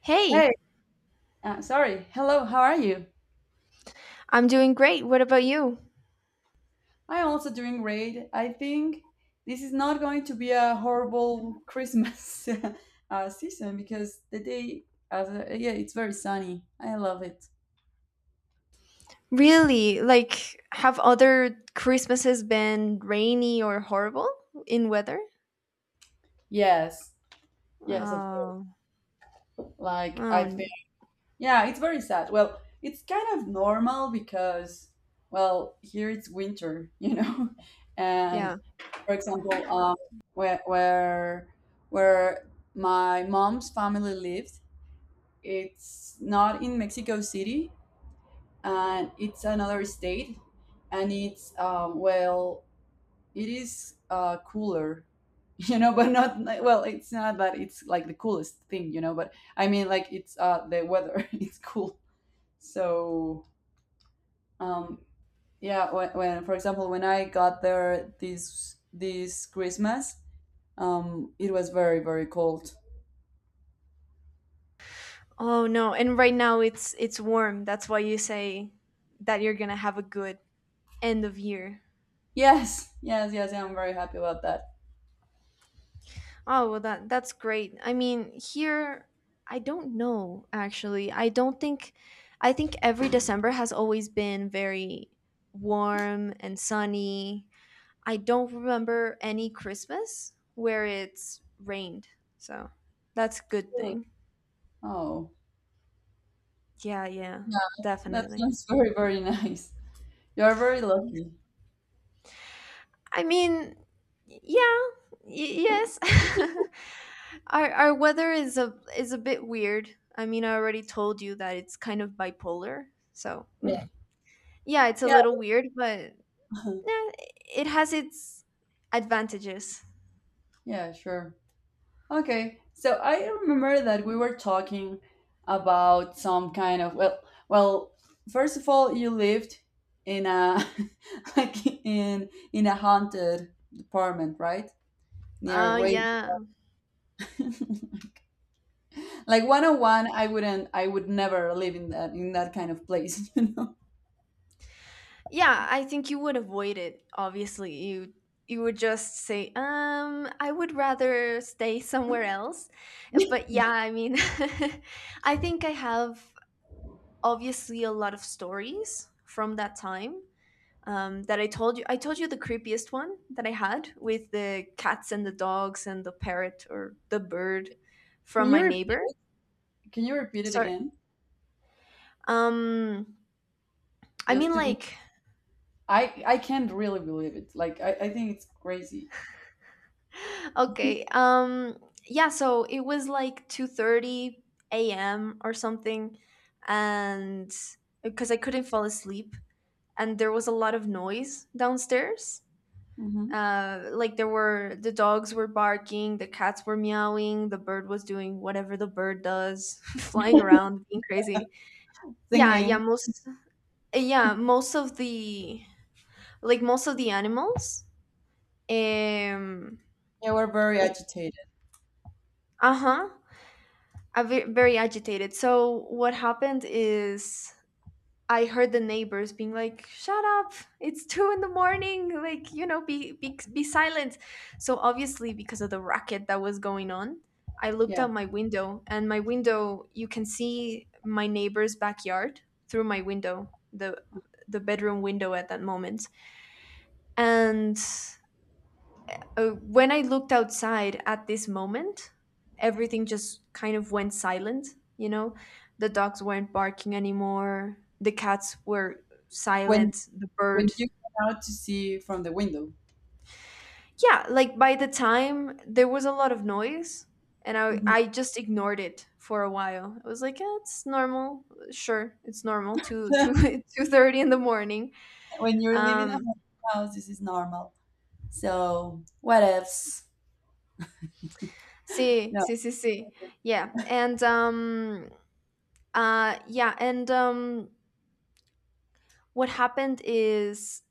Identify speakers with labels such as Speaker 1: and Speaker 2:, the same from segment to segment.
Speaker 1: Hey,
Speaker 2: Hey, sorry. Hello, how are you?
Speaker 1: I'm doing great. What about you?
Speaker 2: I'm also doing great. I think this is not going to be a horrible Christmas season because the day, as a, yeah, it's very sunny. I love it.
Speaker 1: Really? Like, have other Christmases been rainy or horrible in weather?
Speaker 2: Yes, yes, of course.
Speaker 1: Oh,
Speaker 2: Like,
Speaker 1: oh,
Speaker 2: I think, yeah, it's very sad. Well, it's kind of normal because, well, here it's winter, you know?
Speaker 1: yeah.
Speaker 2: And for example, where, where, where my mom's family lived. It's not in Mexico City, and it's another state, and it's well, it is cooler, you know, but not like- well. It's not that it's like the coolest thing, you know, but I mean, like it's the weather. It's cool. So um, yeah, when for example, when I got there this Christmas, it was very cold.
Speaker 1: Oh no. And right now it's warm. That's why you say that you're gonna have a good end of year.
Speaker 2: Yes, yes, yes. I'm very happy about that.
Speaker 1: Oh well, that's great. I mean, here I don't know actually. I don't think. I think every December has always been very warm and sunny. I don't remember any Christmas where it's rained. So that's a good
Speaker 2: Really?
Speaker 1: thing.
Speaker 2: Oh.
Speaker 1: Yeah, yeah,
Speaker 2: Yeah, that
Speaker 1: definitely.
Speaker 2: sounds very, very nice. You are very lucky.
Speaker 1: I mean, yeah, yes. Our weather is a bit weird. I mean, I already told you that it's kind of bipolar. So,
Speaker 2: Yeah.
Speaker 1: yeah, it's a
Speaker 2: Yeah.
Speaker 1: little weird, but eh, it has its advantages.
Speaker 2: Yeah, sure. Okay. So I remember that we were talking about some kind of well, first of all, you lived in a like in a haunted apartment, right? Near a
Speaker 1: Oh,
Speaker 2: grave.
Speaker 1: yeah.
Speaker 2: Like one on one, I would never live in that kind of place, you know.
Speaker 1: Yeah, I think you would avoid it, obviously. You would just say, I would rather stay somewhere else. But yeah, I mean, I think I have obviously a lot of stories from that time, that I told you the creepiest one that I had with the cats and the dogs and the parrot or the bird
Speaker 2: Can
Speaker 1: from my
Speaker 2: you repeat,
Speaker 1: neighbor.
Speaker 2: can you repeat it
Speaker 1: Sorry.
Speaker 2: again?
Speaker 1: um I
Speaker 2: Just
Speaker 1: mean,
Speaker 2: to be
Speaker 1: like,
Speaker 2: I can't really believe it. Like I think it's crazy.
Speaker 1: okay. Yeah, so it was like 2:30 a.m. or something, and because I couldn't fall asleep, and there was a lot of noise downstairs.
Speaker 2: Hmm.
Speaker 1: Like the dogs were barking, the cats were meowing, the bird was doing whatever the bird does, flying around, being crazy. Yeah, yeah.
Speaker 2: Singing.
Speaker 1: Most yeah, most of the like most of the animals, um
Speaker 2: Yeah, we're very agitated.
Speaker 1: uh-huh, very agitated. So what happened is, I heard the neighbors being like, "Shut up! It's 2 in the morning! Like, you know, be silent." So obviously, because of the racket that was going on, I looked
Speaker 2: Yeah.
Speaker 1: out my window, and my window, you can see my neighbor's backyard through my window, the bedroom window at that moment, and when I looked outside at this moment, everything just kind of went silent. You know, the dogs weren't barking anymore, the cats were
Speaker 2: When
Speaker 1: silent, the
Speaker 2: when
Speaker 1: bird.
Speaker 2: you come out to see from the window.
Speaker 1: Yeah, like, by the time there was a lot of noise, and I,
Speaker 2: Hmm.
Speaker 1: I just ignored it for a while. I was like, yeah, it's normal. Sure, it's normal. 2:30 in the morning.
Speaker 2: When you're living in
Speaker 1: Um,
Speaker 2: a house, this is normal. So what ifs?
Speaker 1: See,
Speaker 2: No.
Speaker 1: see, see, see. Yeah, and yeah, and what happened is,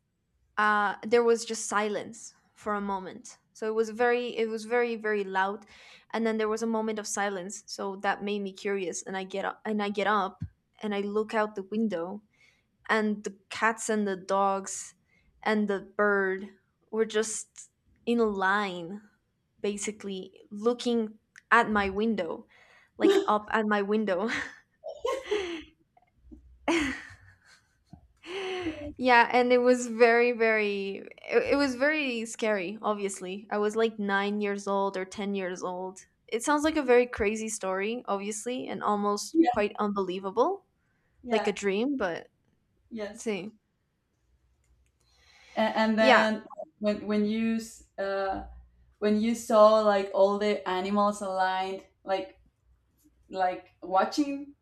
Speaker 1: there was just silence for a moment, so it was very, very loud, and then there was a moment of silence, so that made me curious, and I get up and I look out the window, and the cats and the dogs and the bird were just in a line, basically looking at my window, like, up at my window. Yeah, and it was very, very, it was very scary, obviously. I was like 9 years old or 10 years old. It sounds like a very crazy story, obviously, and almost
Speaker 2: Yeah.
Speaker 1: quite unbelievable, like a
Speaker 2: Yeah.
Speaker 1: dream. But
Speaker 2: Yes.
Speaker 1: see,
Speaker 2: And
Speaker 1: yeah.
Speaker 2: then when you when you saw like all the animals aligned, like watching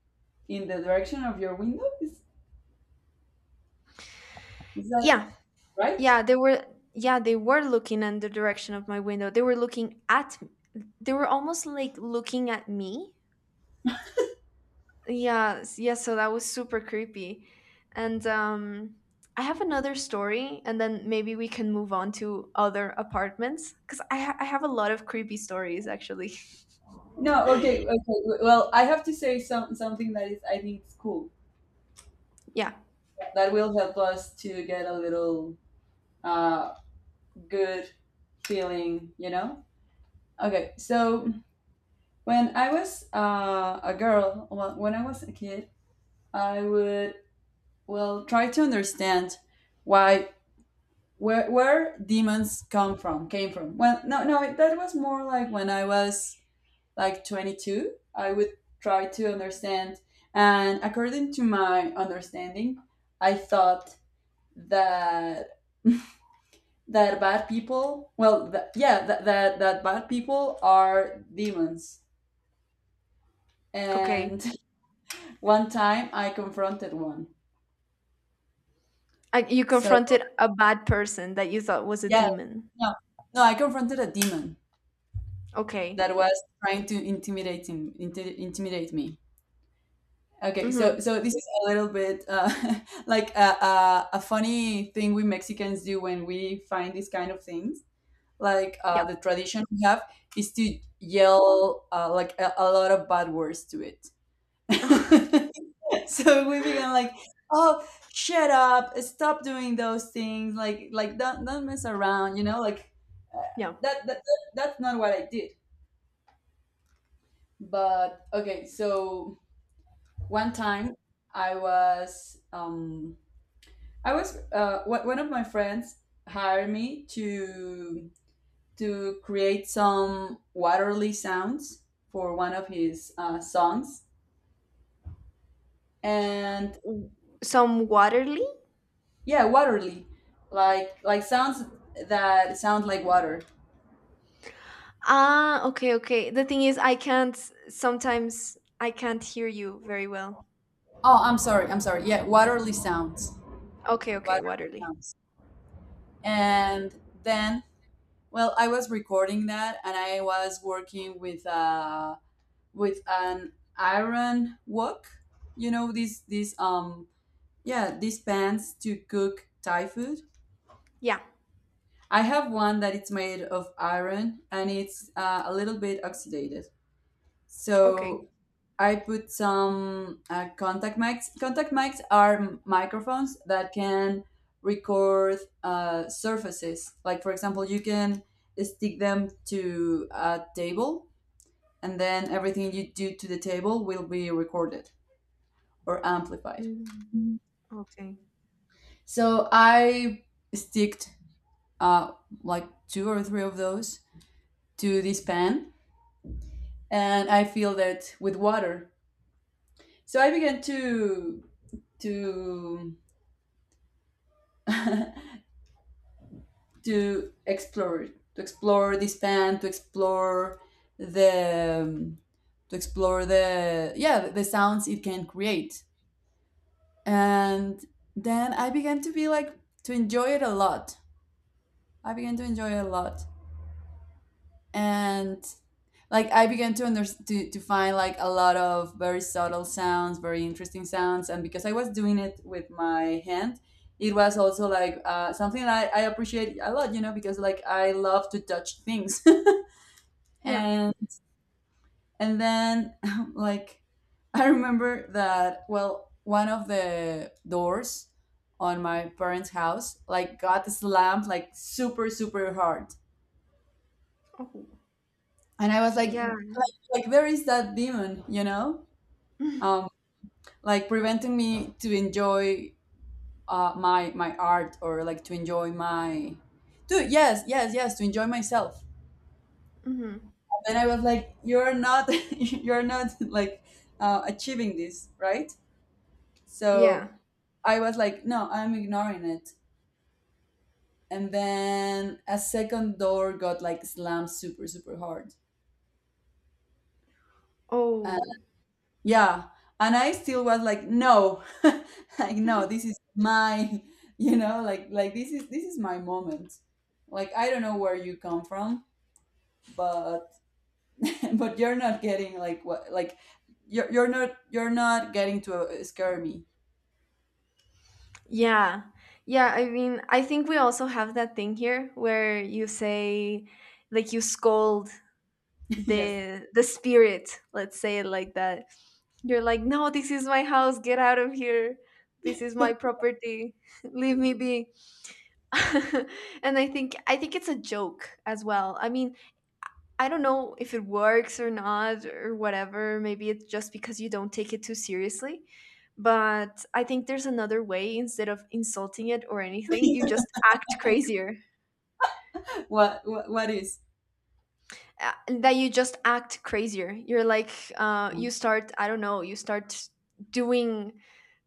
Speaker 2: in the direction of your window, is that
Speaker 1: yeah
Speaker 2: right?
Speaker 1: yeah they were yeah they were looking in the direction of my window. They were looking at, they were almost like looking at me. Yes, yeah. So that was super creepy. And I have another story, and then maybe we can move on to other apartments, cuz I have a lot of creepy stories, actually.
Speaker 2: No, okay, okay. Well, I have to say something that is I think it's cool
Speaker 1: Yeah,
Speaker 2: that will help us to get a little uh good feeling, you know. Okay, so when I was a girl, well, when I was a kid, I would well try to understand why where demons come from came from. Well, no, no, that was more like when I was like 22. I would try to understand, and according to my understanding, I thought that that bad people, yeah, that that bad people are demons,
Speaker 1: okay.
Speaker 2: and one time I confronted one.
Speaker 1: You
Speaker 2: So
Speaker 1: confronted a bad person that you thought was a
Speaker 2: yeah,
Speaker 1: demon.
Speaker 2: no, no I confronted a demon
Speaker 1: Okay.
Speaker 2: that was trying to intimidate me. Okay, so
Speaker 1: Mhm.
Speaker 2: so this is a little bit like a funny thing we Mexicans do when we find these kind of things. Like
Speaker 1: Yeah.
Speaker 2: the tradition we have is to yell like a lot of bad words to it. So we began like, "Oh, shut up! Stop doing those things! Like don't mess around!" You know, like uh,
Speaker 1: Yeah.
Speaker 2: that's not what I did. But okay, so one time I was. Um, I was one of my friends hired me to create some Waterly sounds for one of his songs, and
Speaker 1: W- Some Waterly?
Speaker 2: yeah, Waterly, like sounds that sound like water.
Speaker 1: Ah, okay, okay. The thing is, I can't sometimes I can't hear you very well.
Speaker 2: Oh, I'm sorry, I'm sorry. Yeah,
Speaker 1: Okay, okay,
Speaker 2: Waterly
Speaker 1: Waterly.
Speaker 2: sounds, and then well, I was recording that, and I was working with an iron wok. You know these yeah, these pans to cook Thai food.
Speaker 1: Yeah.
Speaker 2: I have one that it's made of iron, and it's a little bit oxidated. So
Speaker 1: Okay.
Speaker 2: I put some contact mics. Contact mics are microphones that can record surfaces. Like, for example, you can stick them to a table, and then everything you do to the table will be recorded or amplified.
Speaker 1: Mm. Okay.
Speaker 2: So I sticked uh, like two or three of those to this pan, and I filled it with water. So I began to to explore it, to explore this pan, the um, to explore the yeah the sounds it can create, and then I began to be like to enjoy it a lot. I began to enjoy it a lot, and like I began to to find like a lot of very subtle sounds, very interesting sounds, and because I was doing it with my hand, it was also like something that I appreciate a lot, you know, because like I love to touch things,
Speaker 1: Yeah.
Speaker 2: and and then like I remember that well, one of the doors on my parents' house like got slammed like super hard,
Speaker 1: Oh.
Speaker 2: and I was
Speaker 1: Yeah.
Speaker 2: like where is that demon? You know, um, like preventing me to enjoy my my art or like to enjoy to yes, yes, yes, to enjoy myself.
Speaker 1: Hmm.
Speaker 2: And I was like, you're not, you're not like achieving this, right? So
Speaker 1: Yeah.
Speaker 2: I was like, no, I'm ignoring it. And then a second door got like slammed super, super hard.
Speaker 1: Oh.
Speaker 2: Yeah. And I still was like, no, like no, this is my, you know, like this is my moment. Like I don't know where you come from, but but you're not getting like what like you're not getting to scare me.
Speaker 1: Yeah. Yeah, I mean, I think we also have that thing here where you say, like, you scold
Speaker 2: Yes.
Speaker 1: the spirit, let's say it like that. You're like, "No, this is my house. Get out of here. This is my property. Leave me be." And I think it's a joke as well. I mean, I don't know if it works or not or whatever. Maybe it's just because you don't take it too seriously. But I think there's another way. Instead of insulting it or anything, you just act crazier.
Speaker 2: What is?
Speaker 1: That you just act crazier. You're like, you start, I don't know, you start doing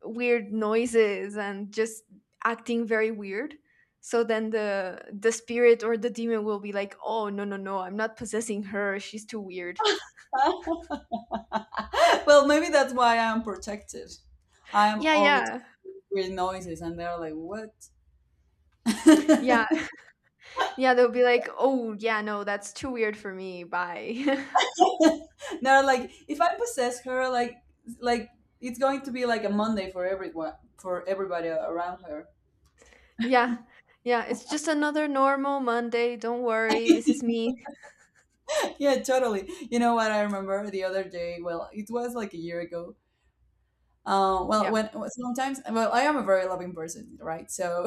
Speaker 1: weird noises and just acting very weird. So then the spirit or the demon will be like, oh, no, no, no, I'm not possessing her. She's too weird.
Speaker 2: Well, maybe that's why I'm protected. I'm
Speaker 1: Yeah,
Speaker 2: all the
Speaker 1: yeah,
Speaker 2: time with noises, and they're like, what?
Speaker 1: yeah. Yeah, they'll be like, "Oh, yeah, no, that's too weird for me. Bye."
Speaker 2: No, like if I possess her, like it's going to be like a Monday for everyone, for everybody around her.
Speaker 1: Yeah. Yeah, it's just another normal Monday. Don't worry. This is me.
Speaker 2: Yeah, totally. You know what I remember the other day? Well, it was like a year ago. Well,
Speaker 1: Yeah.
Speaker 2: when sometimes, well, I am a very loving person, right? So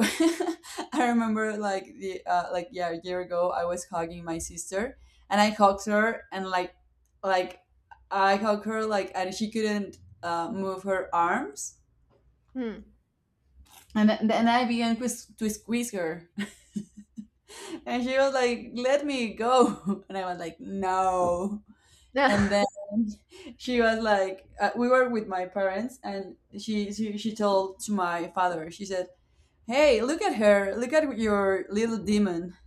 Speaker 2: I remember like the like yeah, a year ago, I was hugging my sister, and I hugged her, and like I hugged her like, and she couldn't move her arms.
Speaker 1: Hmm.
Speaker 2: And then I began to squeeze her, and she was like, "Let me go," and I was like, "No."
Speaker 1: Yeah.
Speaker 2: And then she was like, "We were with my parents, and she told to my father. She said, "Hey, look at her! Look at your little demon."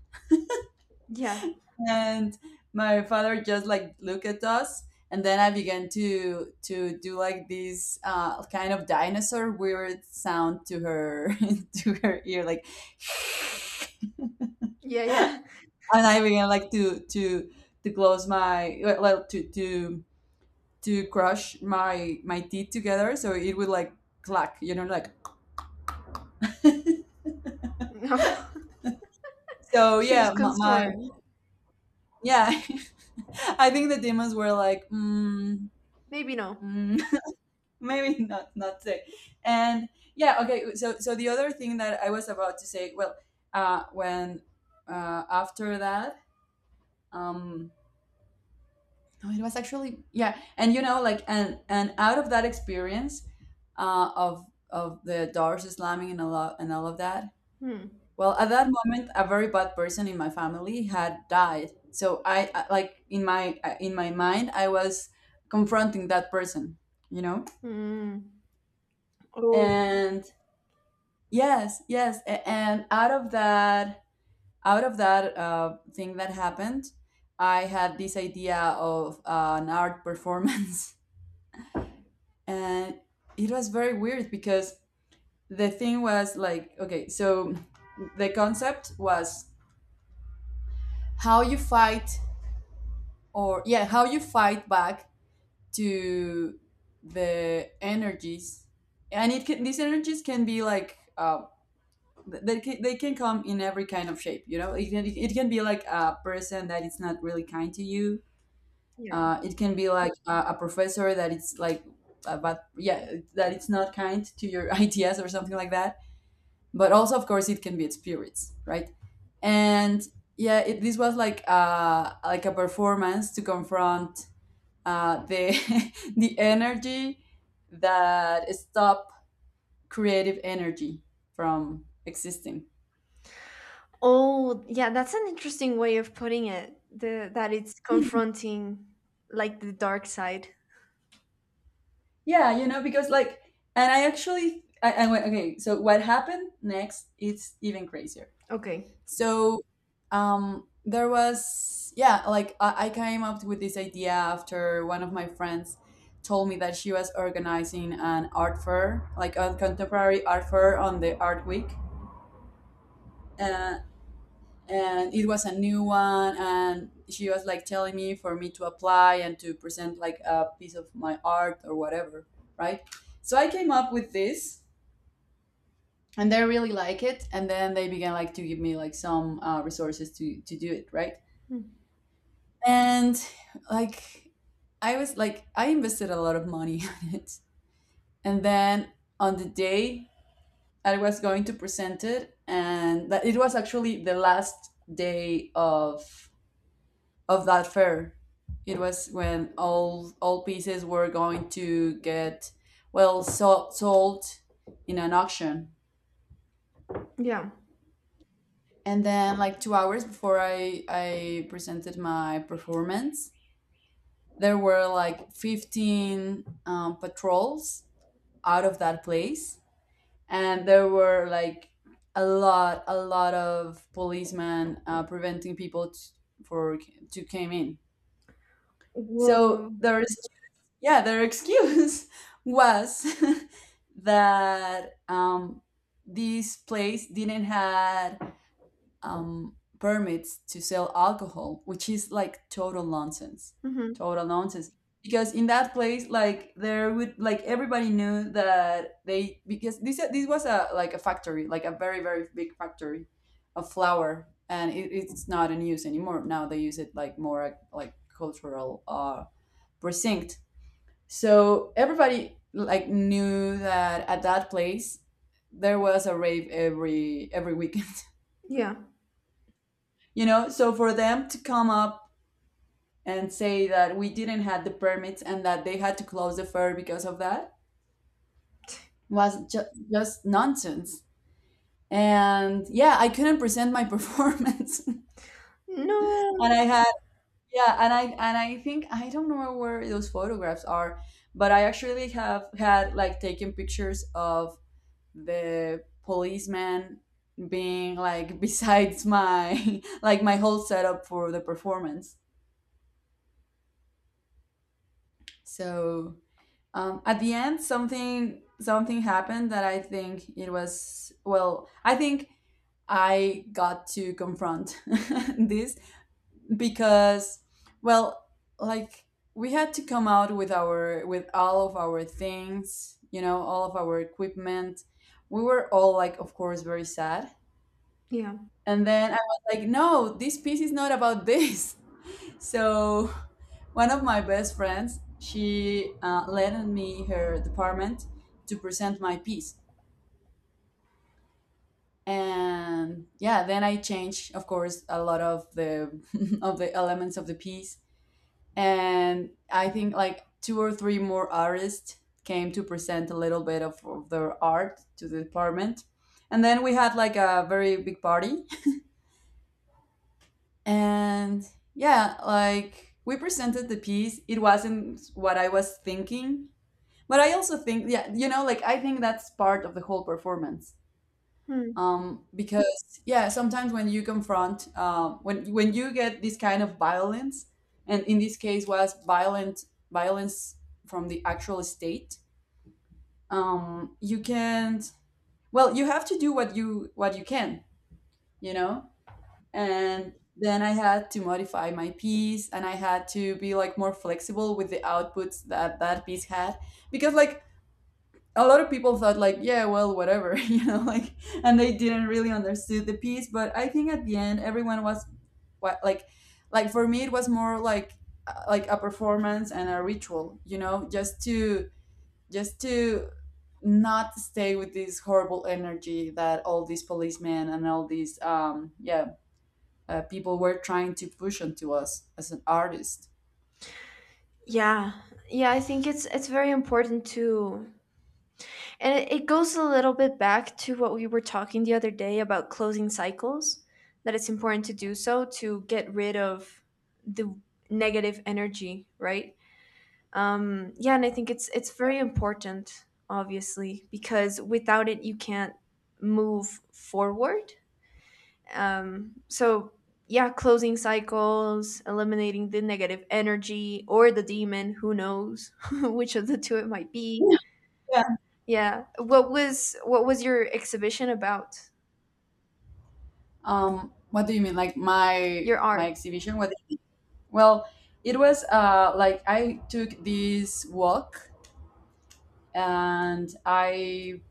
Speaker 1: Yeah.
Speaker 2: And my father just like looked at us, and then I began to do like this kind of dinosaur weird sound to her to her ear, like.
Speaker 1: Yeah, yeah.
Speaker 2: I'm not even gonna like to close my to crush my my teeth together, so it would like clack, you know, like
Speaker 1: No.
Speaker 2: so.
Speaker 1: She was
Speaker 2: Yeah, my
Speaker 1: concerned.
Speaker 2: yeah, I think the demons were like, mm,
Speaker 1: Maybe no.
Speaker 2: mm, maybe not today, and yeah, okay. So so the other thing that I was about to say, well, when after that, um, no it was actually yeah, and you know like and out of that experience of the doors slamming and a lot and all of that.
Speaker 1: Hmm.
Speaker 2: Well, at that moment a very bad person in my family had died, so like in my mind I was confronting that person, you know,
Speaker 1: Hmm. Oh,
Speaker 2: and yes yes and out of that, out of that thing that happened, I had this idea of an art performance. And it was very weird because the thing was like okay so the concept was how you fight or yeah how you fight back to the energies, and it can these energies can be like they can come in every kind of shape, you know, it can be like a person that is not really kind to you,
Speaker 1: yeah.
Speaker 2: it can be like a professor that it's like but yeah that it's not kind to your ideas or something like that, but also of course it can be spirits, right? And yeah this was like a performance to confront the the energy that stop creative energy from existing.
Speaker 1: Oh, yeah, that's an interesting way of putting it. The that it's confronting, like, the dark side.
Speaker 2: Yeah, you know, because like and I actually I went okay so what happened next is even crazier.
Speaker 1: Okay.
Speaker 2: So there was, yeah, like I came up with this idea after one of my friends told me that she was organizing an art fair, like a contemporary art fair on the Art Week. Uh, and it was a new one, and she was like telling me for me to apply and to present like a piece of my art or whatever, right? So I came up with this. And they really like it, and then they began like to give me like some resources to do it, right?
Speaker 1: Hmm.
Speaker 2: And like I was like I invested a lot of money on it. And then on the day I was going to present it and that it was actually the last day of that fair. It was when all pieces were going to get sold in an auction.
Speaker 1: Yeah.
Speaker 2: And then like 2 hours before I presented my performance, there were like 15 patrols out of that place and there were like a lot of policemen preventing people for to came in
Speaker 1: Whoa.
Speaker 2: so there's yeah their excuse was that this place didn't had permits to sell alcohol, which is like total nonsense.
Speaker 1: Mm-hmm.
Speaker 2: Total nonsense. Because in that place, like there would like everybody knew that they because this was a like a factory, like a very big factory of flour, and it's not in use anymore. Now they use it like more like cultural precinct. So everybody like knew that at that place there was a rave every weekend.
Speaker 1: Yeah.
Speaker 2: You know, so for them to come up and say that we didn't have the permits and that they had to close the fair because of that was just nonsense. And yeah, I couldn't present my performance. And
Speaker 1: No.
Speaker 2: I had yeah, and I think I don't know where those photographs are, but I actually have had like taken pictures of the policeman being like besides my like my whole setup for the performance. So at the end something happened that I think it was I think I got to confront this because well like we had to come out with our with all of our things, you know, all of our equipment. We were all like of course very sad,
Speaker 1: Yeah.
Speaker 2: and then I was like, no, this piece is not about this. So, one of my best friends, she lent me her department to present my piece, and yeah, then I changed, of course, a lot of the of the elements of the piece, and I think like two or three more artists came to present a little bit of their art to the department, and then we had like a very big party, and yeah, like we presented the piece. It wasn't what I was thinking. But I also think, yeah, you know, like I think that's part of the whole performance.
Speaker 1: Hmm.
Speaker 2: Because yeah, sometimes when you confront, when you get this kind of violence, and in this case was violent violence from the actual state, you can't. Well, you have to do what you can, you know. And then I had to modify my piece, and I had to be like more flexible with the outputs that that piece had, because like a lot of people thought like, yeah, well, whatever, you know, like, and they didn't really understood the piece, but I think at the end everyone was what like for me it was more like a performance and a ritual, you know, just to just to not stay with this horrible energy that all these policemen and all these yeah people were trying to push onto us as an artist.
Speaker 1: Yeah. Yeah, I think it's very important too, and it goes a little bit back to what we were talking the other day about closing cycles, that it's important to do so to get rid of the negative energy, right? Yeah, and I think it's very important, obviously, because without it you can't move forward. So yeah, closing cycles, eliminating the negative energy or the demon, who knows which of the two it might be.
Speaker 2: Yeah.
Speaker 1: Yeah. What was your exhibition about?
Speaker 2: What do you mean, like my
Speaker 1: Your art.
Speaker 2: exhibition what? Well, it was like I took this walk and I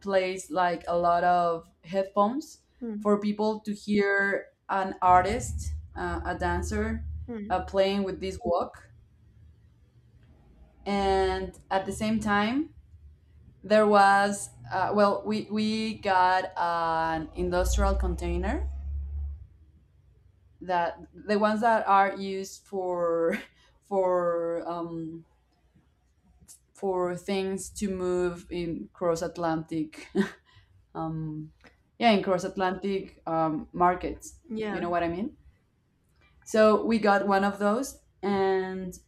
Speaker 2: placed like a lot of headphones
Speaker 1: Hmm.
Speaker 2: for people to hear an artist, a dancer,
Speaker 1: Hmm.
Speaker 2: playing with this walk. And at the same time, there was we got an industrial container that the ones that are used for for um, for things to move in cross Atlantic, um, yeah, in cross Atlantic markets.
Speaker 1: Yeah.
Speaker 2: You know what I mean? So we got one of those, and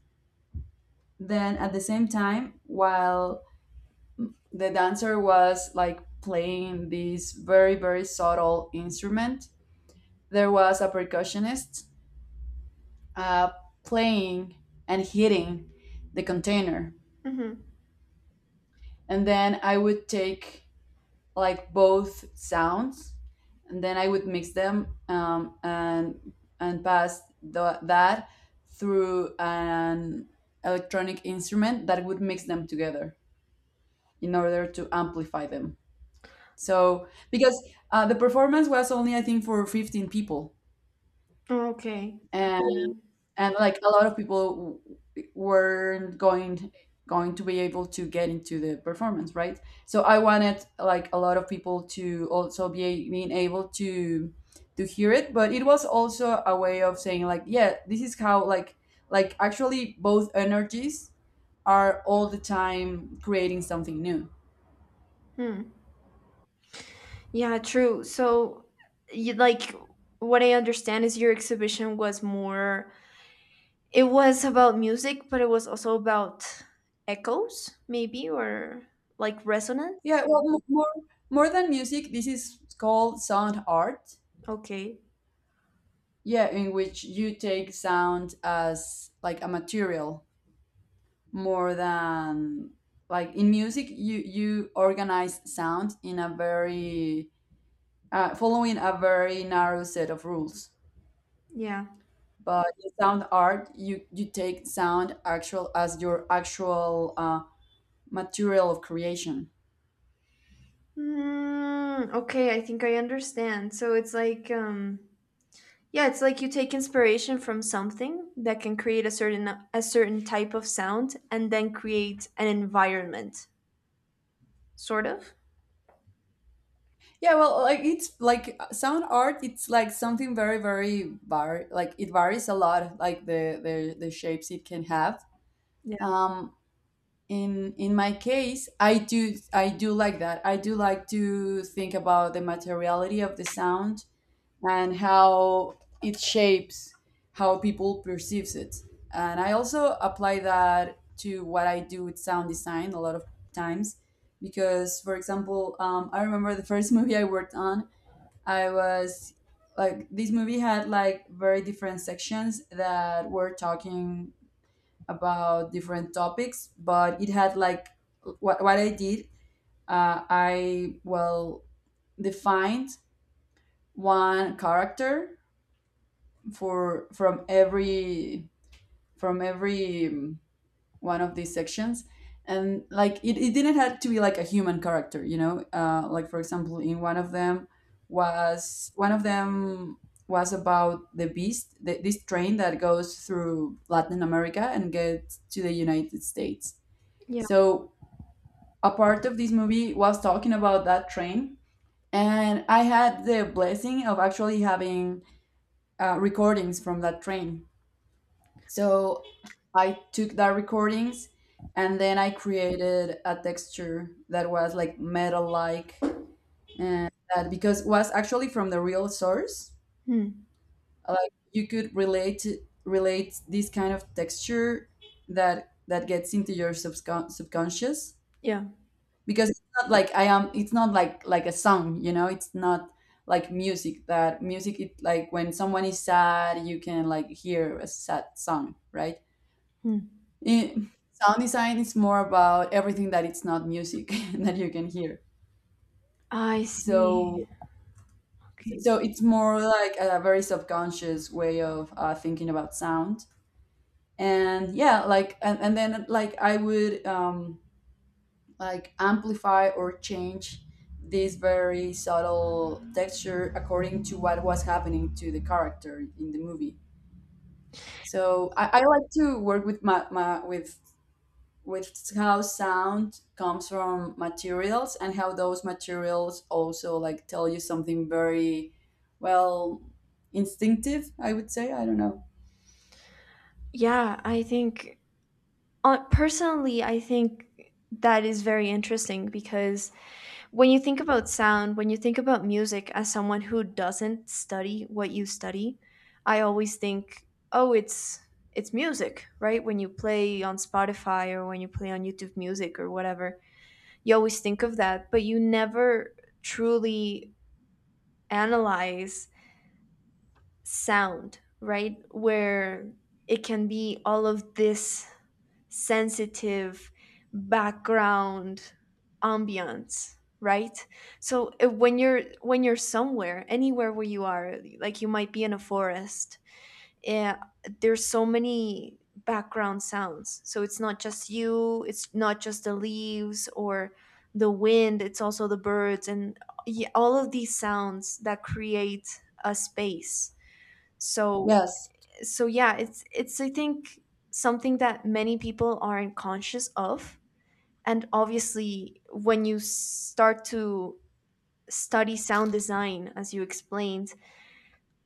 Speaker 2: then at the same time, while the dancer was like playing this very subtle instrument, there was a percussionist uh, playing and hitting the container,
Speaker 1: Mm-hmm.
Speaker 2: and then I would take like both sounds, and then I would mix them and pass that through an electronic instrument that would mix them together in order to amplify them. So because the performance was only I think for 15 people,
Speaker 1: Okay.
Speaker 2: and
Speaker 1: Okay.
Speaker 2: like a lot of people weren't going to be able to get into the performance, right? So I wanted like a lot of people to also be being able to hear it, but it was also a way of saying like, yeah, this is how like actually both energies are all the time creating something new.
Speaker 1: Hmm. Yeah, true. So you like what I understand is, your exhibition was more It was about music, but it was also about echoes, maybe, or like
Speaker 2: Yeah,
Speaker 1: resonance.
Speaker 2: well, more than music, this is called sound art.
Speaker 1: Okay.
Speaker 2: Yeah, in which you take sound as like a material more than like in music you organize sound in a very following a very narrow set of rules,
Speaker 1: Yeah.
Speaker 2: but in sound art you take sound actual as your actual material of creation.
Speaker 1: Mm, okay, I think I understand. So it's like, yeah, it's like you take inspiration from something that can create a certain type of sound and then create an environment, sort of.
Speaker 2: Yeah, well, like it's like sound art it's like something very very var like it varies a lot like the shapes it can have.
Speaker 1: Yeah.
Speaker 2: um in my case, I do like that, I do like to think about the materiality of the sound and how it shapes how people perceives it, and I also apply that to what I do with sound design a lot of times because for example I remember the first movie I worked on. I was Like this movie had like very different sections that were talking about different topics, but it had like what I did. I defined one character for from every from every um, one of these sections, and like it didn't have to be like a human character, you know. Like for example, in one of them was one of them was about the beast, this train that goes through Latin America and gets to the United States,
Speaker 1: Yeah.
Speaker 2: so a part of this movie was talking about that train, and I had the blessing of actually having recordings from that train. So I took that recordings, and then I created a texture that was like metal-like, and that because was actually from the real source,
Speaker 1: Hmm.
Speaker 2: like you could relate this kind of texture that gets into your subconscious
Speaker 1: Yeah.
Speaker 2: because it's not like I am it's not like like a song, you know, it's not like music that music it like when someone is sad you can like hear a sad song, right?
Speaker 1: Hmm.
Speaker 2: it, Sound design is more about everything that it's not music that you can hear.
Speaker 1: I see.
Speaker 2: So
Speaker 1: Okay.
Speaker 2: it's more like a very subconscious way of thinking about sound. And yeah, like and then like I would like amplify or change this very subtle texture according to what was happening to the character in the movie. So I like to work with my, my with how sound comes from materials and how those materials also like tell you something very well instinctive, I would say. I don't know.
Speaker 1: Yeah, I think personally, I think that is very interesting because when you think about sound, when you think about music as someone who doesn't study what you study, I always think, oh, it's music, right? When you play on Spotify or when you play on YouTube Music or whatever, you always think of that, but you never truly analyze sound, right? Where it can be all of this sensitive background ambiance, right? So, when you're somewhere, anywhere where you are, like, you might be in a forest. eh, there's so many background sounds, so it's not just you, it's not just the leaves or the wind, it's also the birds and all of these sounds that create a space. so
Speaker 2: Yes.
Speaker 1: so yeah, it's I think something that many people aren't conscious of. And obviously when you start to study sound design, as you explained,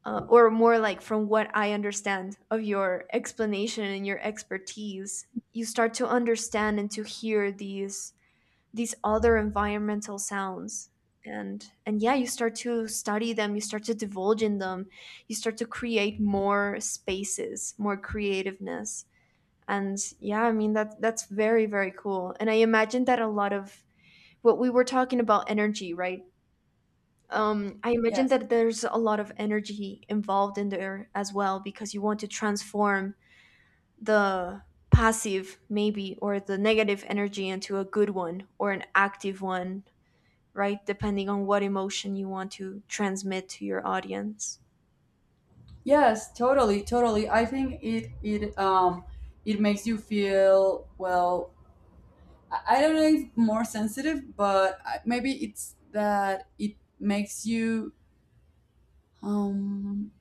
Speaker 1: or more like from what I understand of your explanation and your expertise, you start to understand and to hear these other environmental sounds. And yeah, you start to study them, you start to divulge in them, you start to create more spaces, more creativeness. And yeah, I mean, that's very, very cool. And I imagine that a lot of what we were talking about, energy, right? I imagine
Speaker 2: Yes.
Speaker 1: that there's a lot of energy involved in there as well, because you want to transform the passive, maybe, or the negative energy into a good one or an active one, right? Depending on what emotion you want to transmit to your audience.
Speaker 2: Yes, totally, totally. I think it makes you feel I don't know if more sensitive, but maybe it's that it makes you um,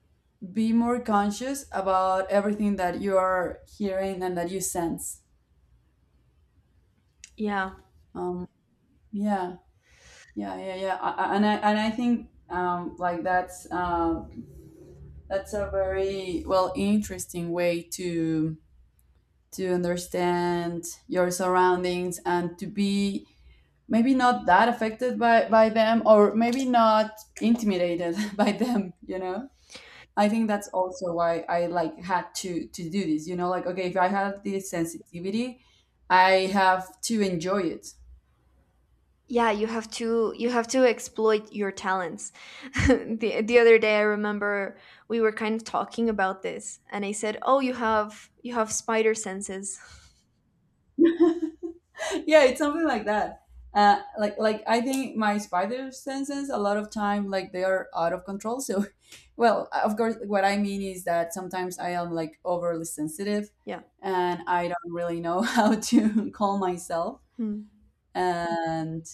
Speaker 2: be more conscious about everything that you are hearing and that you sense.
Speaker 1: Yeah.
Speaker 2: Um, yeah, yeah. And I think like that's a very well interesting way to understand your surroundings and to be maybe not that affected by them or maybe not intimidated by them, you know. I think that's also why I like had to do this, you know, like, okay, if I have this sensitivity, I have to enjoy it.
Speaker 1: Yeah, you have to exploit your talents. The other day I remember we were kind of talking about this, and I said, "Oh, you have spider senses."
Speaker 2: Yeah, it's something like that. Like I think my spider senses a lot of time like they are out of control. So well of course what I mean is that sometimes I am like overly sensitive,
Speaker 1: Yeah.
Speaker 2: and I don't really know how to calm myself.
Speaker 1: Hmm.
Speaker 2: And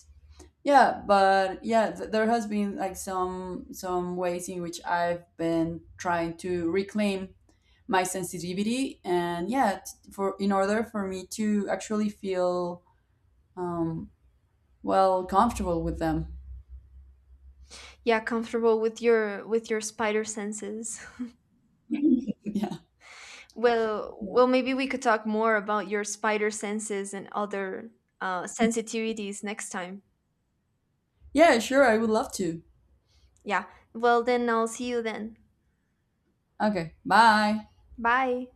Speaker 2: yeah, but yeah, there has been like some ways in which I've been trying to reclaim my sensitivity, and yeah, for in order for me to actually feel um well comfortable with them.
Speaker 1: Yeah, comfortable with your spider senses.
Speaker 2: Yeah.
Speaker 1: Well, maybe we could talk more about your spider senses and other sensitivities next time.
Speaker 2: Yeah, sure, I would love to.
Speaker 1: Yeah. Well, then I'll see you then.
Speaker 2: Okay, bye.
Speaker 1: Bye.